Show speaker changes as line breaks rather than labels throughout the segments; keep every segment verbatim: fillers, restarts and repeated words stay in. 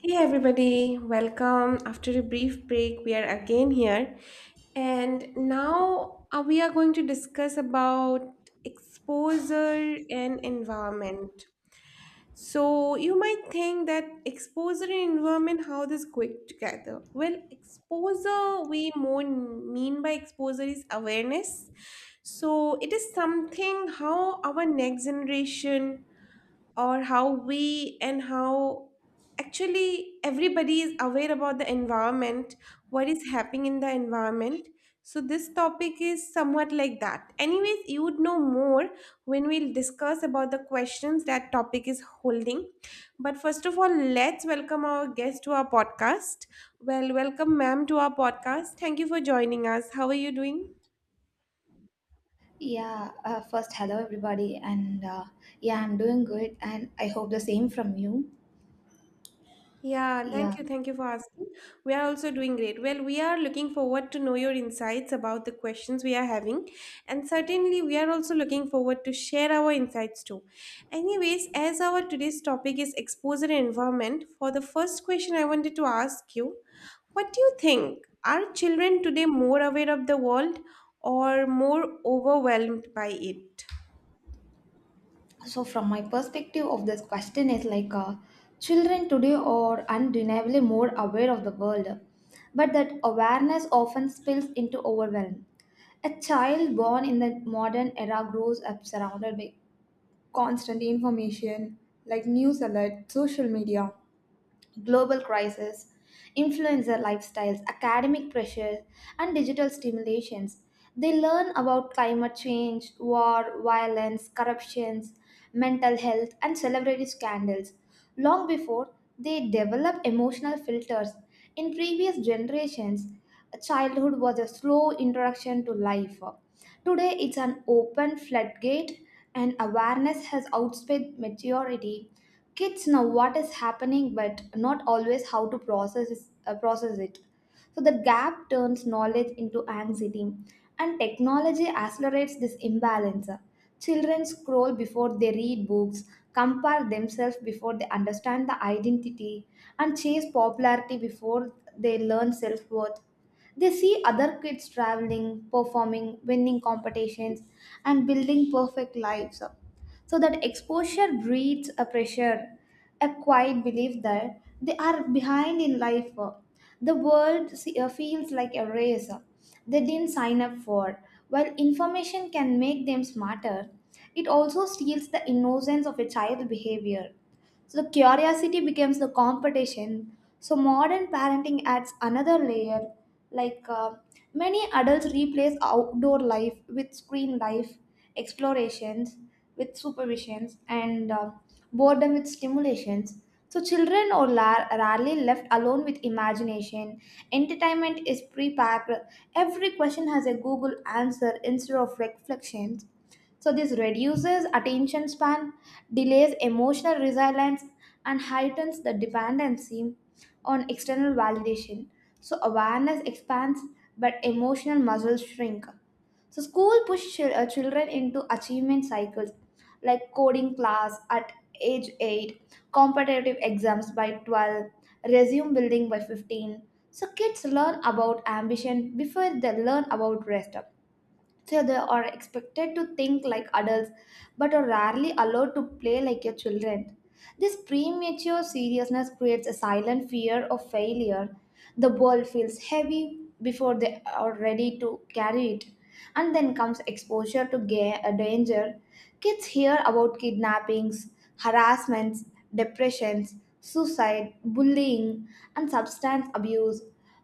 Hey everybody, welcome. After a brief break, we are again here. And now uh, we are going to discuss about exposure and environment. So you might think that exposure and environment, how this going together? Well, exposure, we more mean by exposure is awareness. So it is something how our next generation or how we and how actually everybody is aware about the environment, what is happening in the environment. So, this topic is somewhat like that. Anyways, you would know more when we'll discuss about the questions that topic is holding. But first of all, let's welcome our guest to our podcast. Well, welcome, ma'am, to our podcast. Thank you for joining us. How are you doing?
Yeah, uh, first, hello everybody, and uh, yeah, I'm doing good, and I hope the same from you.
Yeah, thank
Yeah,
you. Thank you for asking. We are also doing great. Well, we are looking forward to know your insights about the questions we are having. And certainly, we are also looking forward to share our insights too. Anyways, as our today's topic is exposure and environment, for the first question I wanted to ask you, what do you think? Are children today more aware of the world or more overwhelmed by it?
so from my perspective of this question is like, uh, children today are undeniably more aware of the world, but that awareness often spills into overwhelm. A child born in the modern era grows up surrounded by constant information like news alert, social media, global crisis, influencer lifestyles, academic pressures, and digital stimulations. They learn about climate change, war, violence, corruptions, mental health, and celebrity scandals long before they develop emotional filters. In previous generations, childhood was a slow introduction to life. Today, it's an open floodgate, and awareness has outspaced maturity. Kids know what is happening, but not always how to process is- uh, process it. So the gap turns knowledge into anxiety, and technology accelerates this imbalance. Children scroll before they read books, compare themselves before they understand the identity, and chase popularity before they learn self worth. They see other kids traveling, performing, winning competitions, and building perfect lives. So that exposure breeds a pressure, a quiet belief that they are behind in life. The world se- uh, feels like a race they didn't sign up for. While information can make them smarter, it also steals the innocence of a child's behavior. So the curiosity becomes the competition. So modern parenting adds another layer. Like uh, Many adults replace outdoor life with screen life, explorations with supervisions, and uh, boredom with stimulations. So children are la- rarely left alone with imagination. Entertainment is pre-packed. Every question has a Google answer instead of reflections. So this reduces attention span, delays emotional resilience, and heightens the dependency on external validation. So awareness expands, but emotional muscles shrink. So, school push chil- uh, children into achievement cycles like coding class at age eight, competitive exams by twelve, resume building by fifteen. So kids learn about ambition before they learn about rest. So they are expected to think like adults but are rarely allowed to play like your children. This premature seriousness creates a silent fear of failure. The ball feels heavy before they are ready to carry it. And then comes exposure to ga- uh, danger. Kids hear about kidnappings, harassments, depressions, suicide, bullying, and substance abuse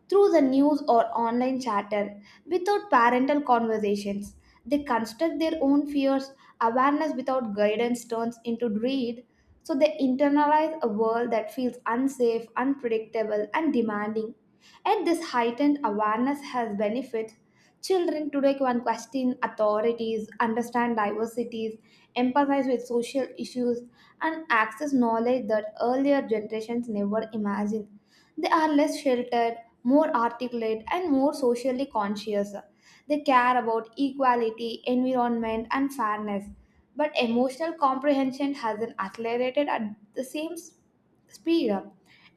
through the news or online chatter without parental conversations. They construct their own fears. Awareness without guidance turns into greed. So they internalize a world that feels unsafe, unpredictable, and demanding. And this heightened awareness has benefits. Children today can question authorities, understand diversities, empathize with social issues, and access knowledge that earlier generations never imagined. They are less sheltered, more articulate, and more socially conscious. They care about equality, environment, and fairness. But emotional comprehension hasn't accelerated at the same s- speed.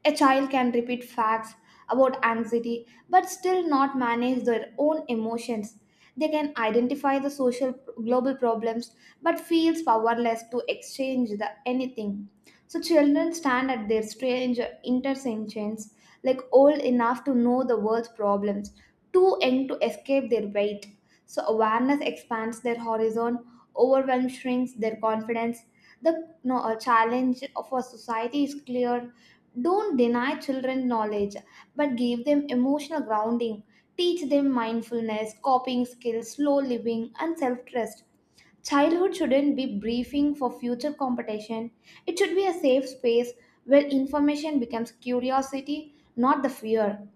A child can repeat facts about anxiety but still not manage their own emotions. They can identify the social global problems but feels powerless to exchange the anything. So children stand at their strange intersections, like old enough to know the world's problems, too young to escape their weight. So awareness expands their horizon, overwhelm shrinks their confidence. The no, a challenge of our society is clear. Don't deny children knowledge, but give them emotional grounding. Teach them mindfulness, coping skills, slow living, and self trust. Childhood shouldn't be briefing for future competition. It should be a safe space where information becomes curiosity, not the fear.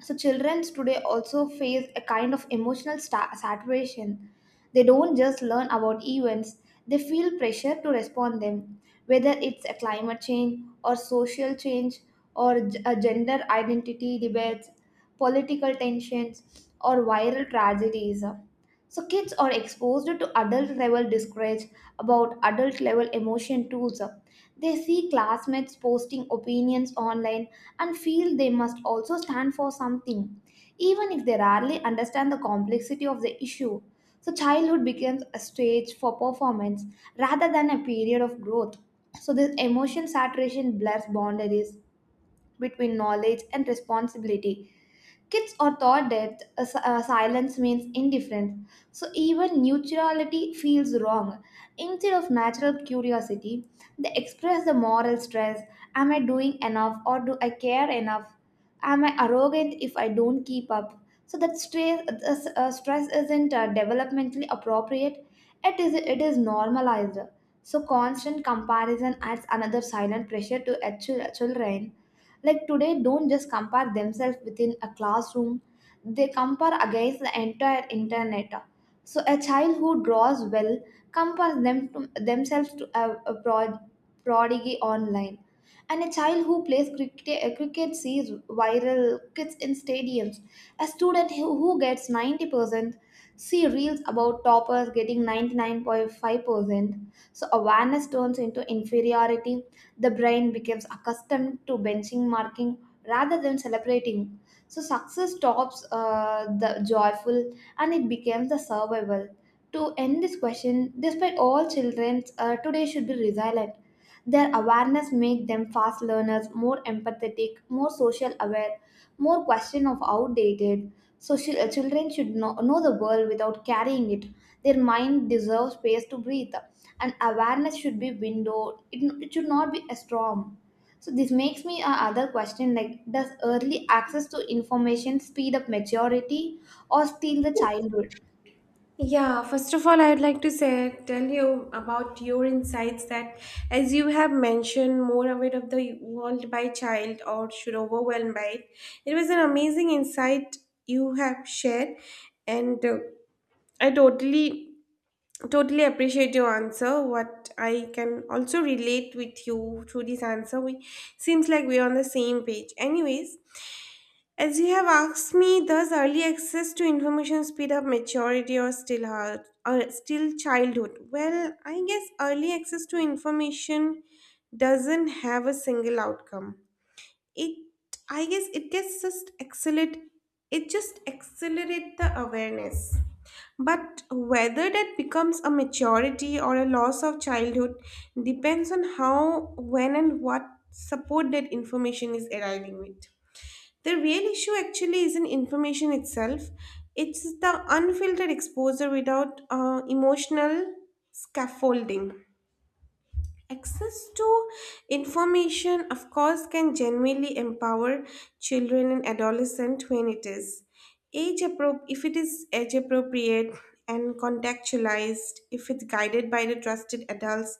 So children today also face a kind of emotional sta- saturation. They don't just learn about events, they feel pressure to respond them, whether it's a climate change or social change or g- a gender identity debates, political tensions or viral tragedies. So kids are exposed to adult level discourage about adult level emotion tools. They see classmates posting opinions online and feel they must also stand for something, even if they rarely understand the complexity of the issue. So childhood becomes a stage for performance rather than a period of growth. So this emotion saturation blurs boundaries between knowledge and responsibility. Kids are taught that uh, si- uh, silence means indifference, so even neutrality feels wrong. Instead of natural curiosity, they express the moral stress. Am I doing enough or do I care enough? Am I arrogant if I don't keep up? So that stress, uh, s- uh, stress isn't uh, developmentally appropriate. It is it is normalized. So constant comparison adds another silent pressure to uh, chil- children. Like today, don't just compare themselves within a classroom, they compare against the entire internet. So a child who draws well compares them to, themselves to a, a prod, prodigy online. And a child who plays cricket, uh, cricket sees viral kids in stadiums. A student who, who gets ninety percent see reels about toppers getting ninety-nine point five percent. So awareness turns into inferiority. The brain becomes accustomed to benchmarking rather than celebrating. So success stops uh, the joyful and it becomes the survival. To end this question, despite all children uh, today should be resilient. Their awareness make them fast learners, more empathetic, more social aware, more question of outdated. So sh- uh, children should know, know the world without carrying it. Their mind deserves space to breathe and awareness should be window it, it should not be a storm. So this makes me a other question like, does early access to information speed up maturity or steal the childhood?
Yeah, first of all, I would like to say, tell you about your insights that, as you have mentioned, more aware of the world by child or should overwhelm by it. It was an amazing insight you have shared, and uh, I totally, totally appreciate your answer. What I can also relate with you through this answer, we seems like we're on the same page. Anyways, as you have asked me, thus early access to information speed up maturity or still hard, or still childhood. Well, I guess early access to information doesn't have a single outcome. It, I guess, it gets just accelerate. It just accelerate the awareness. But whether that becomes a maturity or a loss of childhood depends on how, when, and what support that information is arriving with. The real issue actually isn't information itself, it's the unfiltered exposure without uh, emotional scaffolding. Access to information, of course, can genuinely empower children and adolescents when it is age appro- if it is age appropriate and contextualized, if it's guided by the trusted adults,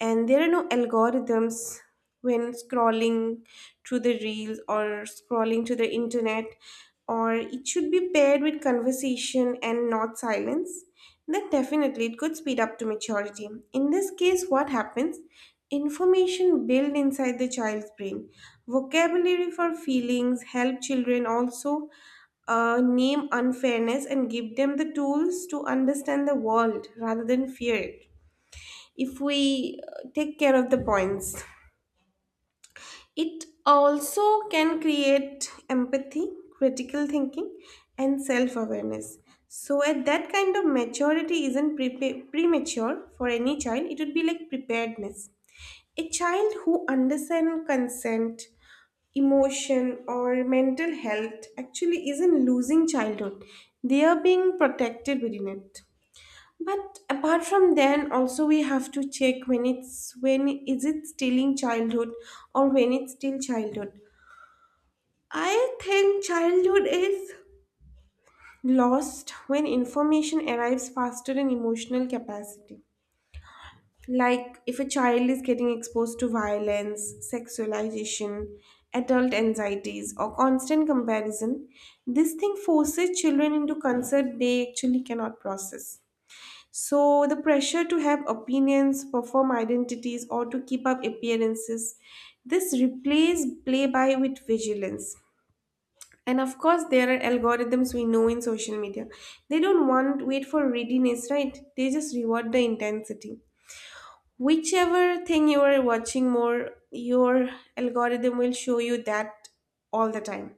and there are no algorithms when scrolling through the reels or scrolling to the internet, or it should be paired with conversation and not silence, then definitely it could speed up to maturity. In this case, what happens? Information built inside the child's brain. Vocabulary for feelings help children also uh, name unfairness and give them the tools to understand the world rather than fear it. If we uh, take care of the points. It also can create empathy, critical thinking, and self awareness. So, at that kind of maturity isn't pre- premature for any child, it would be like preparedness. A child who understands consent, emotion, or mental health actually isn't losing childhood, they are being protected within it. But apart from then, also we have to check when it's when is it still in childhood or when it's still childhood. I think childhood is lost when information arrives faster than emotional capacity. Like if a child is getting exposed to violence, sexualization, adult anxieties, or constant comparison, this thing forces children into concept they actually cannot process. So the pressure to have opinions, perform identities, or to keep up appearances, this replaces play by with vigilance. And of course, there are algorithms we know in social media. They don't want wait for readiness, right? They just reward the intensity. Whichever thing you are watching more, your algorithm will show you that all the time.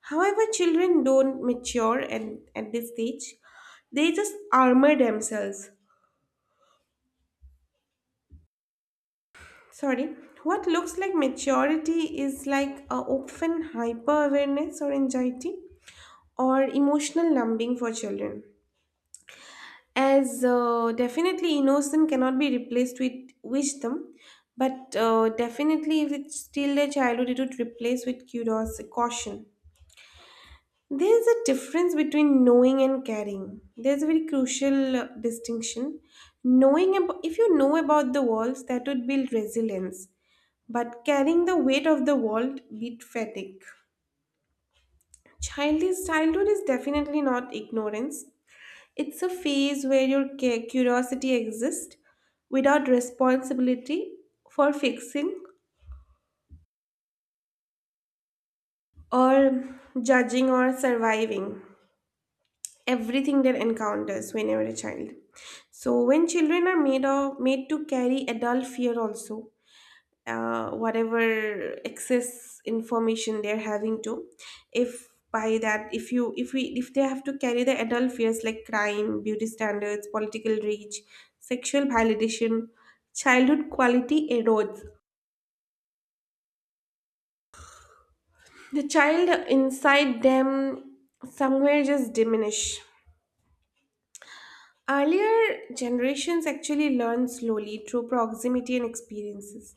However, children don't mature and at this stage, they just armor themselves. Sorry, what looks like maturity is like a often hyper awareness or anxiety or emotional numbing for children. As uh, definitely innocence cannot be replaced with wisdom, but uh, definitely if it's still a childhood, it would replace with curiosity, caution. There's a difference between knowing and caring. There's a very crucial uh, distinction. Knowing ab- if you know about the walls, that would build resilience, but carrying the weight of the world beat fatigue. Childish childhood is definitely not ignorance. It's a phase where your cu- curiosity exists without responsibility for fixing or judging or surviving everything they encounters whenever a child. So when children are made of, made to carry adult fear also, uh, whatever excess information they're having to, if by that, if you if we if they have to carry the adult fears like crime, beauty standards, political reach, sexual validation, childhood quality erodes, the child inside them somewhere just diminish. Earlier generations actually learn slowly through proximity and experiences,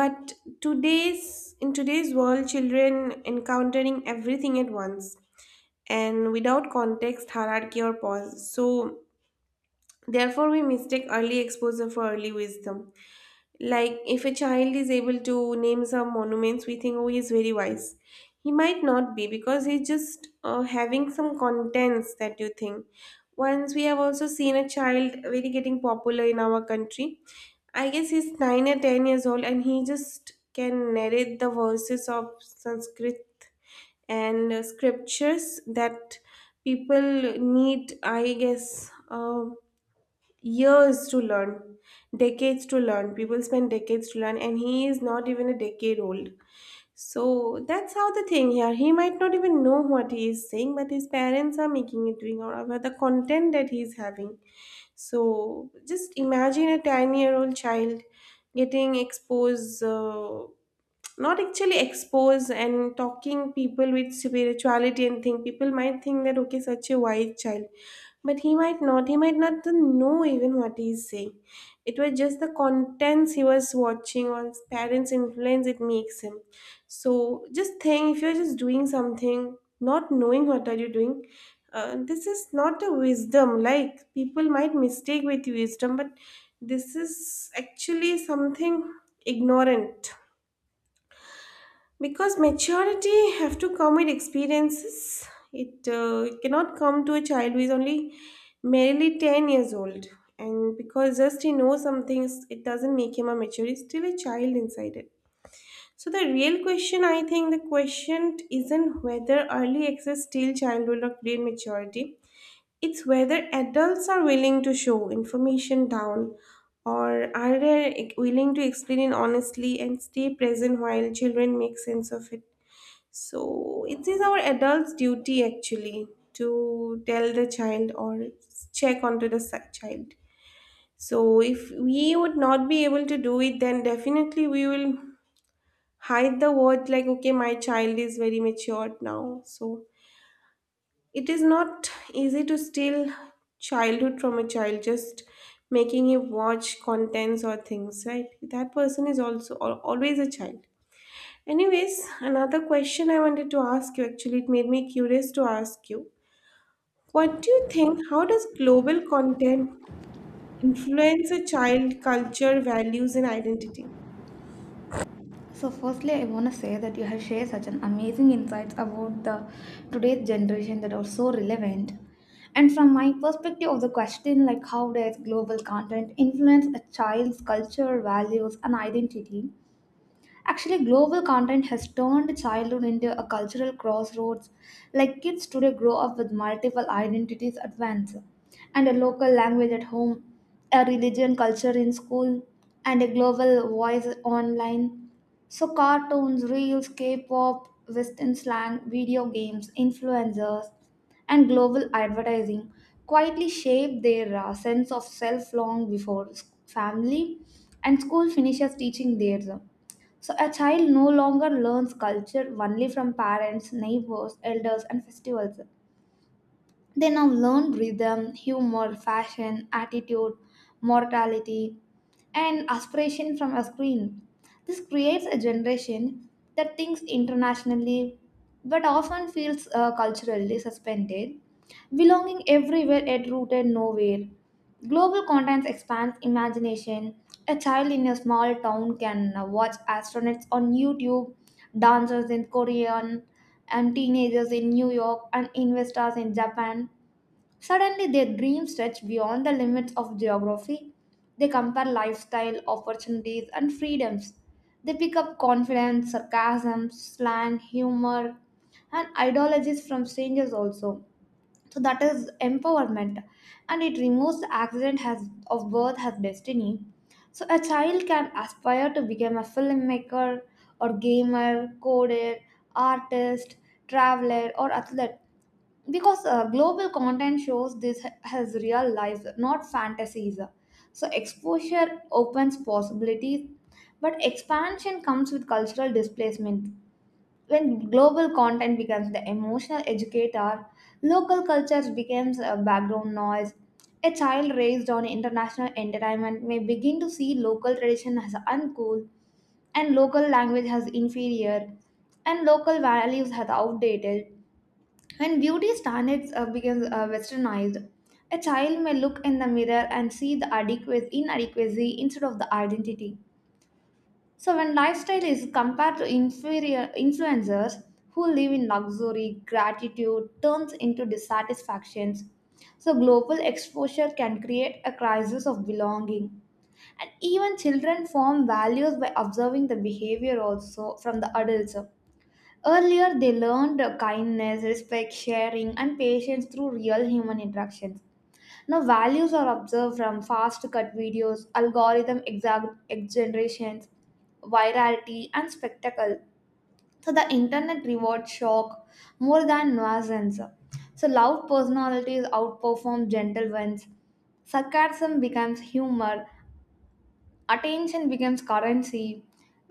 but today's in today's world, children encountering everything at once and without context, hierarchy, or pause. So, therefore, we mistake early exposure for early wisdom. Like, if a child is able to name some monuments, we think, oh, he is very wise. He might not be because he's just uh, having some contents that you think. Once we have also seen a child very getting popular in our country. I guess he's nine or ten years old and he just can narrate the verses of Sanskrit and uh, scriptures that people need, I guess, uh, years to learn, decades to learn. People spend decades to learn, and he is not even a decade old. So that's how the thing here. He might not even know what he is saying, but his parents are making it doing out about the content that he is having. So just imagine a ten year old child getting exposed. Uh, not actually expose and talking people with spirituality and think people might think that okay such a wise child, but he might not he might not to know even what he is saying. It was just the contents he was watching or his parents influence it makes him. So just think if you're just doing something not knowing what are you doing. Uh, this is not a wisdom, like people might mistake with wisdom, but this is actually something ignorant, because maturity have to come with experiences. It, uh, it cannot come to a child who is only merely ten years old, and because just he knows some things it doesn't make him a mature, he's still a child inside it. So the real question, I think the question isn't whether early access still childhood or grade maturity, it's whether adults are willing to show information down or are they willing to explain it honestly and stay present while children make sense of it. So it is our adult's duty actually to tell the child or check onto the si- child. So if we would not be able to do it, then definitely we will hide the word like, okay, my child is very matured now. So it is not easy to steal childhood from a child just making him watch contents or things, right? That person is also al- always a child. Anyways, another question I wanted to ask you actually, it made me curious to ask you. What do you think? How does global content influence a child culture, values, and identity?
So firstly I want to say that you have shared such an amazing insights about the today's generation that are so relevant. And from my perspective of the question like, how does global content influence a child's culture, values, and identity? Actually, global content has turned childhood into a cultural crossroads. Like kids today grow up with multiple identities at once, and a local language at home, a religion culture in school, and a global voice online. So cartoons, reels, K pop, Western slang, video games, influencers, and global advertising quietly shape their uh, sense of self long before s- family and school finishes teaching theirs. So a child no longer learns culture only from parents, neighbors, elders, and festivals. They now learn rhythm, humor, fashion, attitude, mortality, and aspiration from a screen. This creates a generation that thinks internationally but often feels uh, culturally suspended, belonging everywhere yet rooted nowhere. Global contents expands imagination. A child in a small town can uh, watch astronauts on YouTube, dancers in Korean, and teenagers in New York and investors in Japan. Suddenly, their dreams stretch beyond the limits of geography. They compare lifestyle, opportunities, and freedoms. They pick up confidence, sarcasm, slang, humor, and ideologies from strangers also. So that is empowerment, and it removes the accident has of birth as destiny. So a child can aspire to become a filmmaker or gamer, coder, artist, traveler or athlete because uh, global content shows this has real life, not fantasies. So exposure opens possibilities, but expansion comes with cultural displacement. When global content becomes the emotional educator, local cultures becomes a background noise. A child raised on international entertainment may begin to see local tradition as uncool and local language as inferior and local values as outdated. When beauty standards uh, becomes uh, westernized, a child may look in the mirror and see the adequacy, inadequacy instead of the identity. So when lifestyle is compared to inferior influencers who live in luxury, gratitude turns into dissatisfactions. So global exposure can create a crisis of belonging, and even children form values by observing the behavior also from the adults. Earlier, they learned kindness, respect, sharing, and patience through real human interactions. Now, values are observed from fast cut videos, algorithm exa- ex- generations, virality, and spectacle. So the internet rewards shock more than nuisance. So loud personalities outperform gentle ones. Sarcasm becomes humor, attention becomes currency,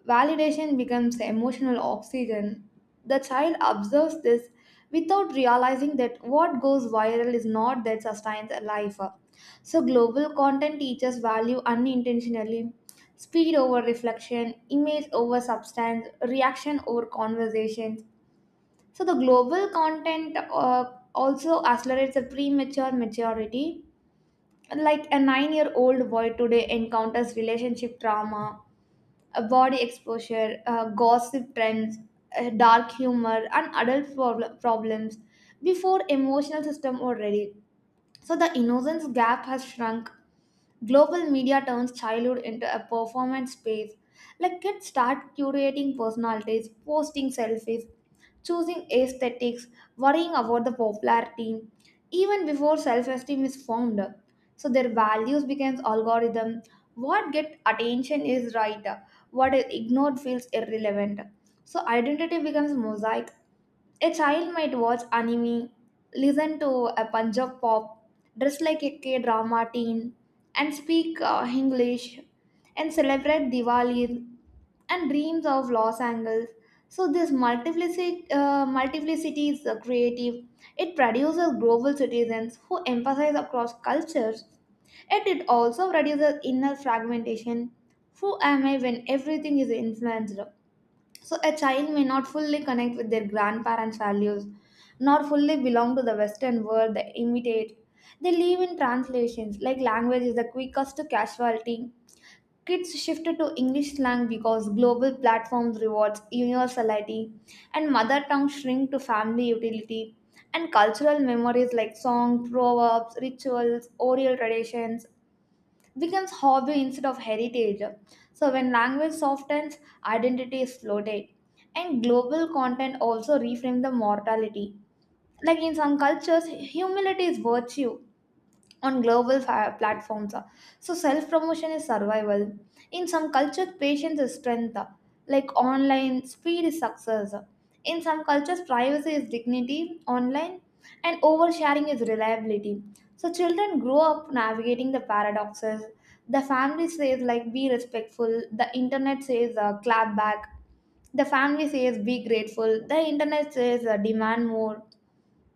validation becomes emotional oxygen. The child observes this without realizing that what goes viral is not that sustains a life. So global content teaches value unintentionally. Speed over reflection, image over substance, reaction over conversation. So the global content uh, also accelerates a premature maturity. Like a nine year old boy today encounters relationship trauma, uh, body exposure, uh, gossip trends, uh, dark humor, and adult prob- problems before emotional system were ready. So the innocence gap has shrunk. Global media turns childhood into a performance space. Like kids start curating personalities, posting selfies, choosing aesthetics, worrying about the popularity, even before self-esteem is formed. So their values becomes algorithm. What get attention is right, what is ignored feels irrelevant. So identity becomes mosaic. A child might watch anime, listen to a Punjab pop, dress like a K-drama teen, and speak uh, English, and celebrate Diwali and dreams of Los Angeles. So this multiplicity, uh, multiplicity is uh, creative. It produces global citizens who emphasize across cultures. Yet it also reduces inner fragmentation. Who am I when everything is influenced? So a child may not fully connect with their grandparents' values, nor fully belong to the Western world they imitate. They live in translations, like language is the quickest casualty. Kids shifted to English slang because global platforms rewards universality, and mother tongue shrink to family utility, and cultural memories like song, proverbs, rituals, oral traditions becomes hobby instead of heritage. So when language softens, identity is floated. And global content also reframe the mortality. Like in some cultures, humility is virtue. On global fa- platforms, so self promotion is survival. In some cultures, patience is strength. Like online, speed is success. In some cultures, privacy is dignity. Online, and oversharing is reliability. So children grow up navigating the paradoxes. The family says like be respectful. The internet says uh, clap back. The family says be grateful. The internet says uh, demand more.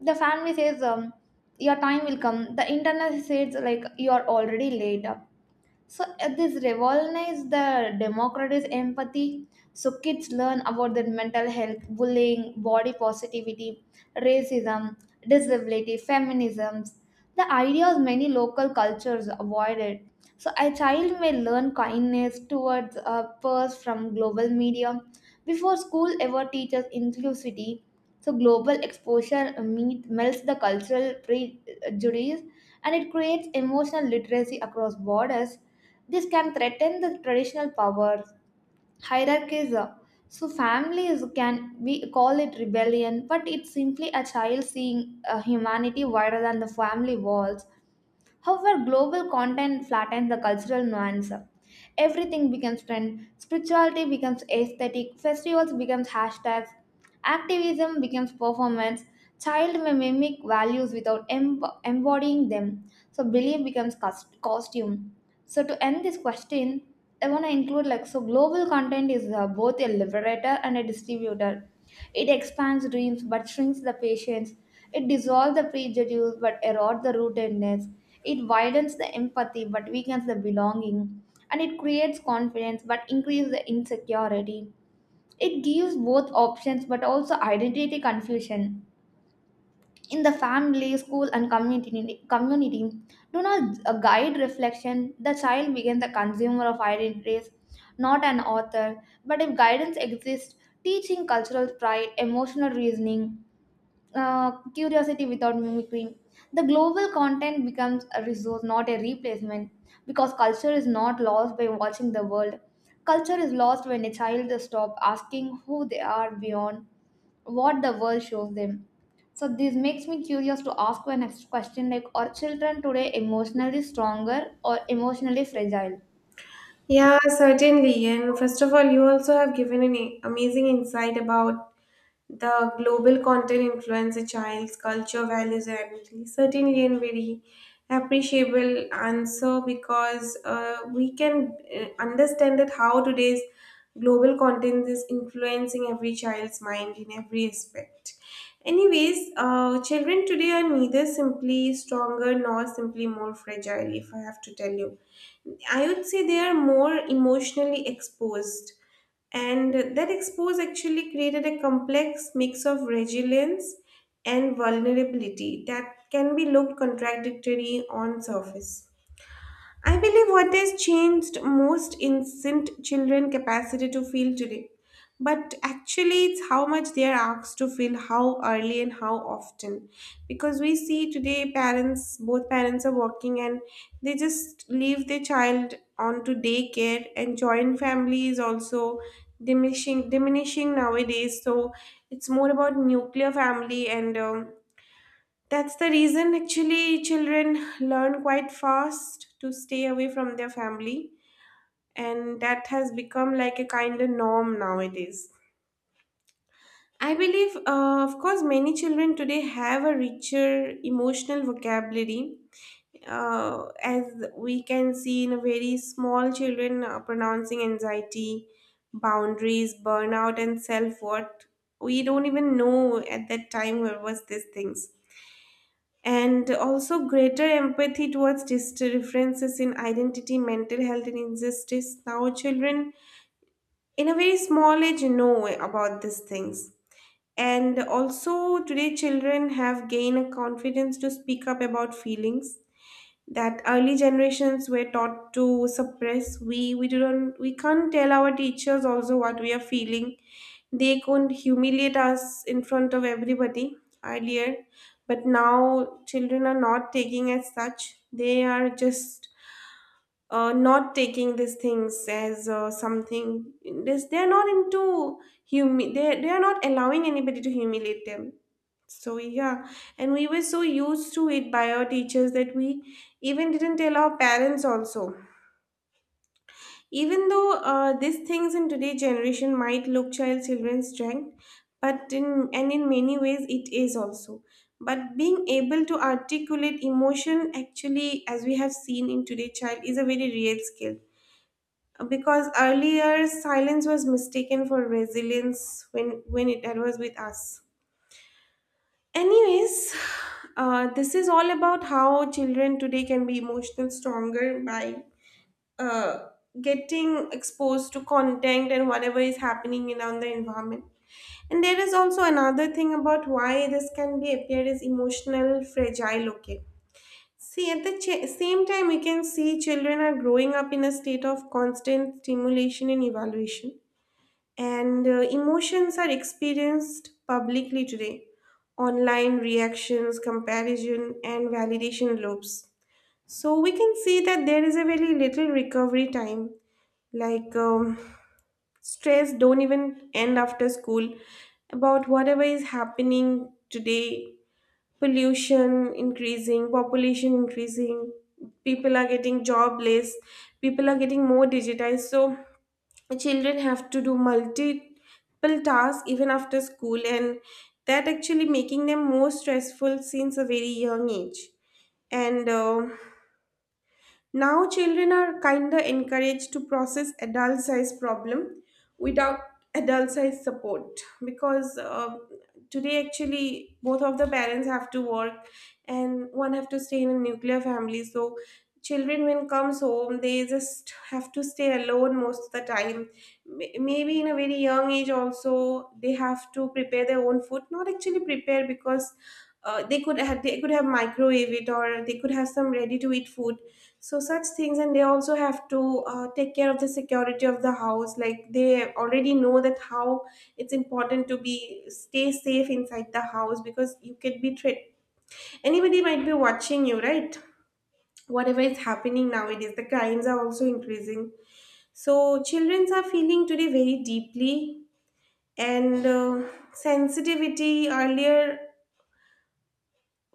The family says um, your time will come. The internet says like you are already late. So uh, this revolutionize the democratic empathy. So kids learn about their mental health, bullying, body positivity, racism, disability, feminisms, the ideas many local cultures avoided. So a child may learn kindness towards a purse from global media before school ever teaches inclusivity. So global exposure uh, meet, melts the cultural prejudice, and it creates emotional literacy across borders. This can threaten the traditional powers, hierarchies. uh, So families can we call it rebellion, but it's simply a child seeing uh, humanity wider than the family walls. However, global content flattens the cultural nuance. Everything becomes trend, spirituality becomes aesthetic, festivals becomes hashtags, activism becomes performance, child may mimic values without em- embodying them. So belief becomes cus- costume. So to end this question, I want to include like, so global content is uh, both a liberator and a distributor. It expands dreams but shrinks the patience. It dissolves the prejudice but erodes the rootedness. It widens the empathy but weakens the belonging. And it creates confidence but increases the insecurity. It gives both options but also identity confusion. In the family, school, and community, community do not uh, guide reflection. The child becomes the consumer of identities, not an author. But if guidance exists, teaching cultural pride, emotional reasoning, uh, curiosity without mimicry, the global content becomes a resource, not a replacement, because culture is not lost by watching the world. Culture is lost when a child stops asking who they are beyond what the world shows them. So this makes me curious to ask my next question like, are children today emotionally stronger or emotionally fragile?
Yeah, certainly. And first of all, you also have given an a- amazing insight about the global content influence a child's culture, values, and identity. Certainly, and very appreciable answer because uh, we can uh, understand that how today's global content is influencing every child's mind in every aspect. Anyways, uh, children today are neither simply stronger nor simply more fragile, if I have to tell you. I would say they are more emotionally exposed. And that expose actually created a complex mix of resilience and vulnerability that can be looked contradictory on surface. I believe what has changed most isn't children' capacity to feel today, but actually it's how much they are asked to feel, how early and how often. Because we see today parents, both parents are working and they just leave their child on to daycare and joint family is also diminishing diminishing nowadays. So it's more about nuclear family and um, that's the reason actually children learn quite fast to stay away from their family, and that has become like a kind of norm nowadays. I believe, uh, of course, many children today have a richer emotional vocabulary, uh, as we can see in a very small children uh, pronouncing anxiety, boundaries, burnout, and self worth. We don't even know at that time where was these things, and also greater empathy towards dis- differences in identity, mental health, and injustice. Now, children in a very small age know about these things. And also, today, children have gained a confidence to speak up about feelings that early generations were taught to suppress. We we don't we can't tell our teachers also what we are feeling. They couldn't humiliate us in front of everybody earlier, but now children are not taking as such. They are just uh, not taking these things as uh, something. This they're not into. humi- they, they are not allowing anybody to humiliate them, so yeah. And we were so used to it by our teachers that we even didn't tell our parents also. Even though uh, these things in today's generation might look child children's strength, but in and in many ways it is also. But being able to articulate emotion actually, as we have seen in today's child, is a very real skill. Because earlier silence was mistaken for resilience when when it was with us. Anyways, uh, this is all about how children today can be emotional stronger by uh, getting exposed to content and whatever is happening in on the environment. And there is also another thing about why this can be appeared as emotional fragile. Okay. See, at the ch- same time, we can see children are growing up in a state of constant stimulation and evaluation, and uh, emotions are experienced publicly today: online reactions, comparison, and validation loops. So we can see that there is a very little recovery time. Like um, stress don't even end after school about whatever is happening today. Pollution increasing, population increasing, people are getting jobless, people are getting more digitized. So children have to do multiple tasks even after school, and that actually making them more stressful since a very young age. And uh, now children are kinda encouraged to process adult size problem without adult size support, because uh, today actually both of the parents have to work and one have to stay in a nuclear family. So children when comes home they just have to stay alone most of the time. May- maybe in a very young age also they have to prepare their own food, not actually prepare, because uh, they could have they could have microwave it, or they could have some ready to eat food. So such things. And they also have to uh, take care of the security of the house. Like they already know that how it's important to be stay safe inside the house, because you could be tra- anybody might be watching you, right? Whatever is happening nowadays, the crimes are also increasing. So children are feeling today very deeply. And uh, sensitivity earlier.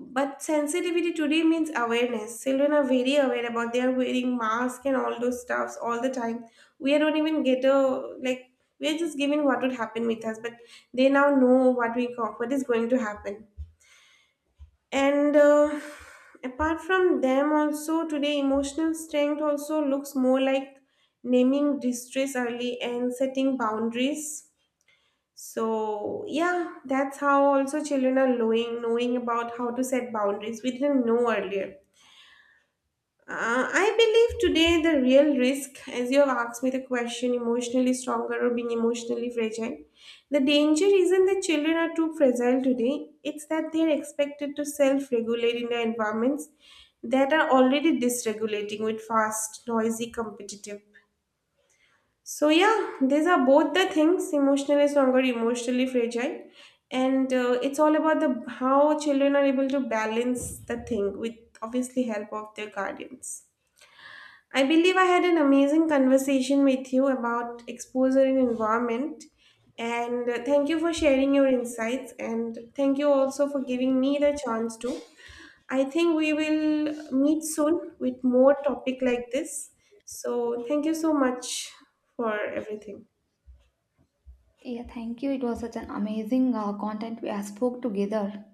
But sensitivity today means awareness. Children are very aware about they are wearing masks and all those stuffs all the time. We don't even get a, like, we are just given what would happen with us, but they now know what we call what is going to happen. And uh, apart from them, also today emotional strength also looks more like naming distress early and setting boundaries. So yeah, that's how also children are knowing knowing about how to set boundaries. We didn't know earlier. Uh, I believe today the real risk, as you have asked me the question, emotionally stronger or being emotionally fragile, the danger isn't that children are too fragile today. It's that they are expected to self-regulate in their environments that are already dysregulating, with fast, noisy, competitive. So yeah, these are both the things: emotionally stronger, emotionally fragile. And uh, it's all about the how children are able to balance the thing with obviously help of their guardians. I believe I had an amazing conversation with you about exposure in environment. And uh, thank you for sharing your insights. And thank you also for giving me the chance to. I think we will meet soon with more topic like this. So thank you so much for everything.
Yeah, thank you. It was such an amazing uh, content we have spoke together.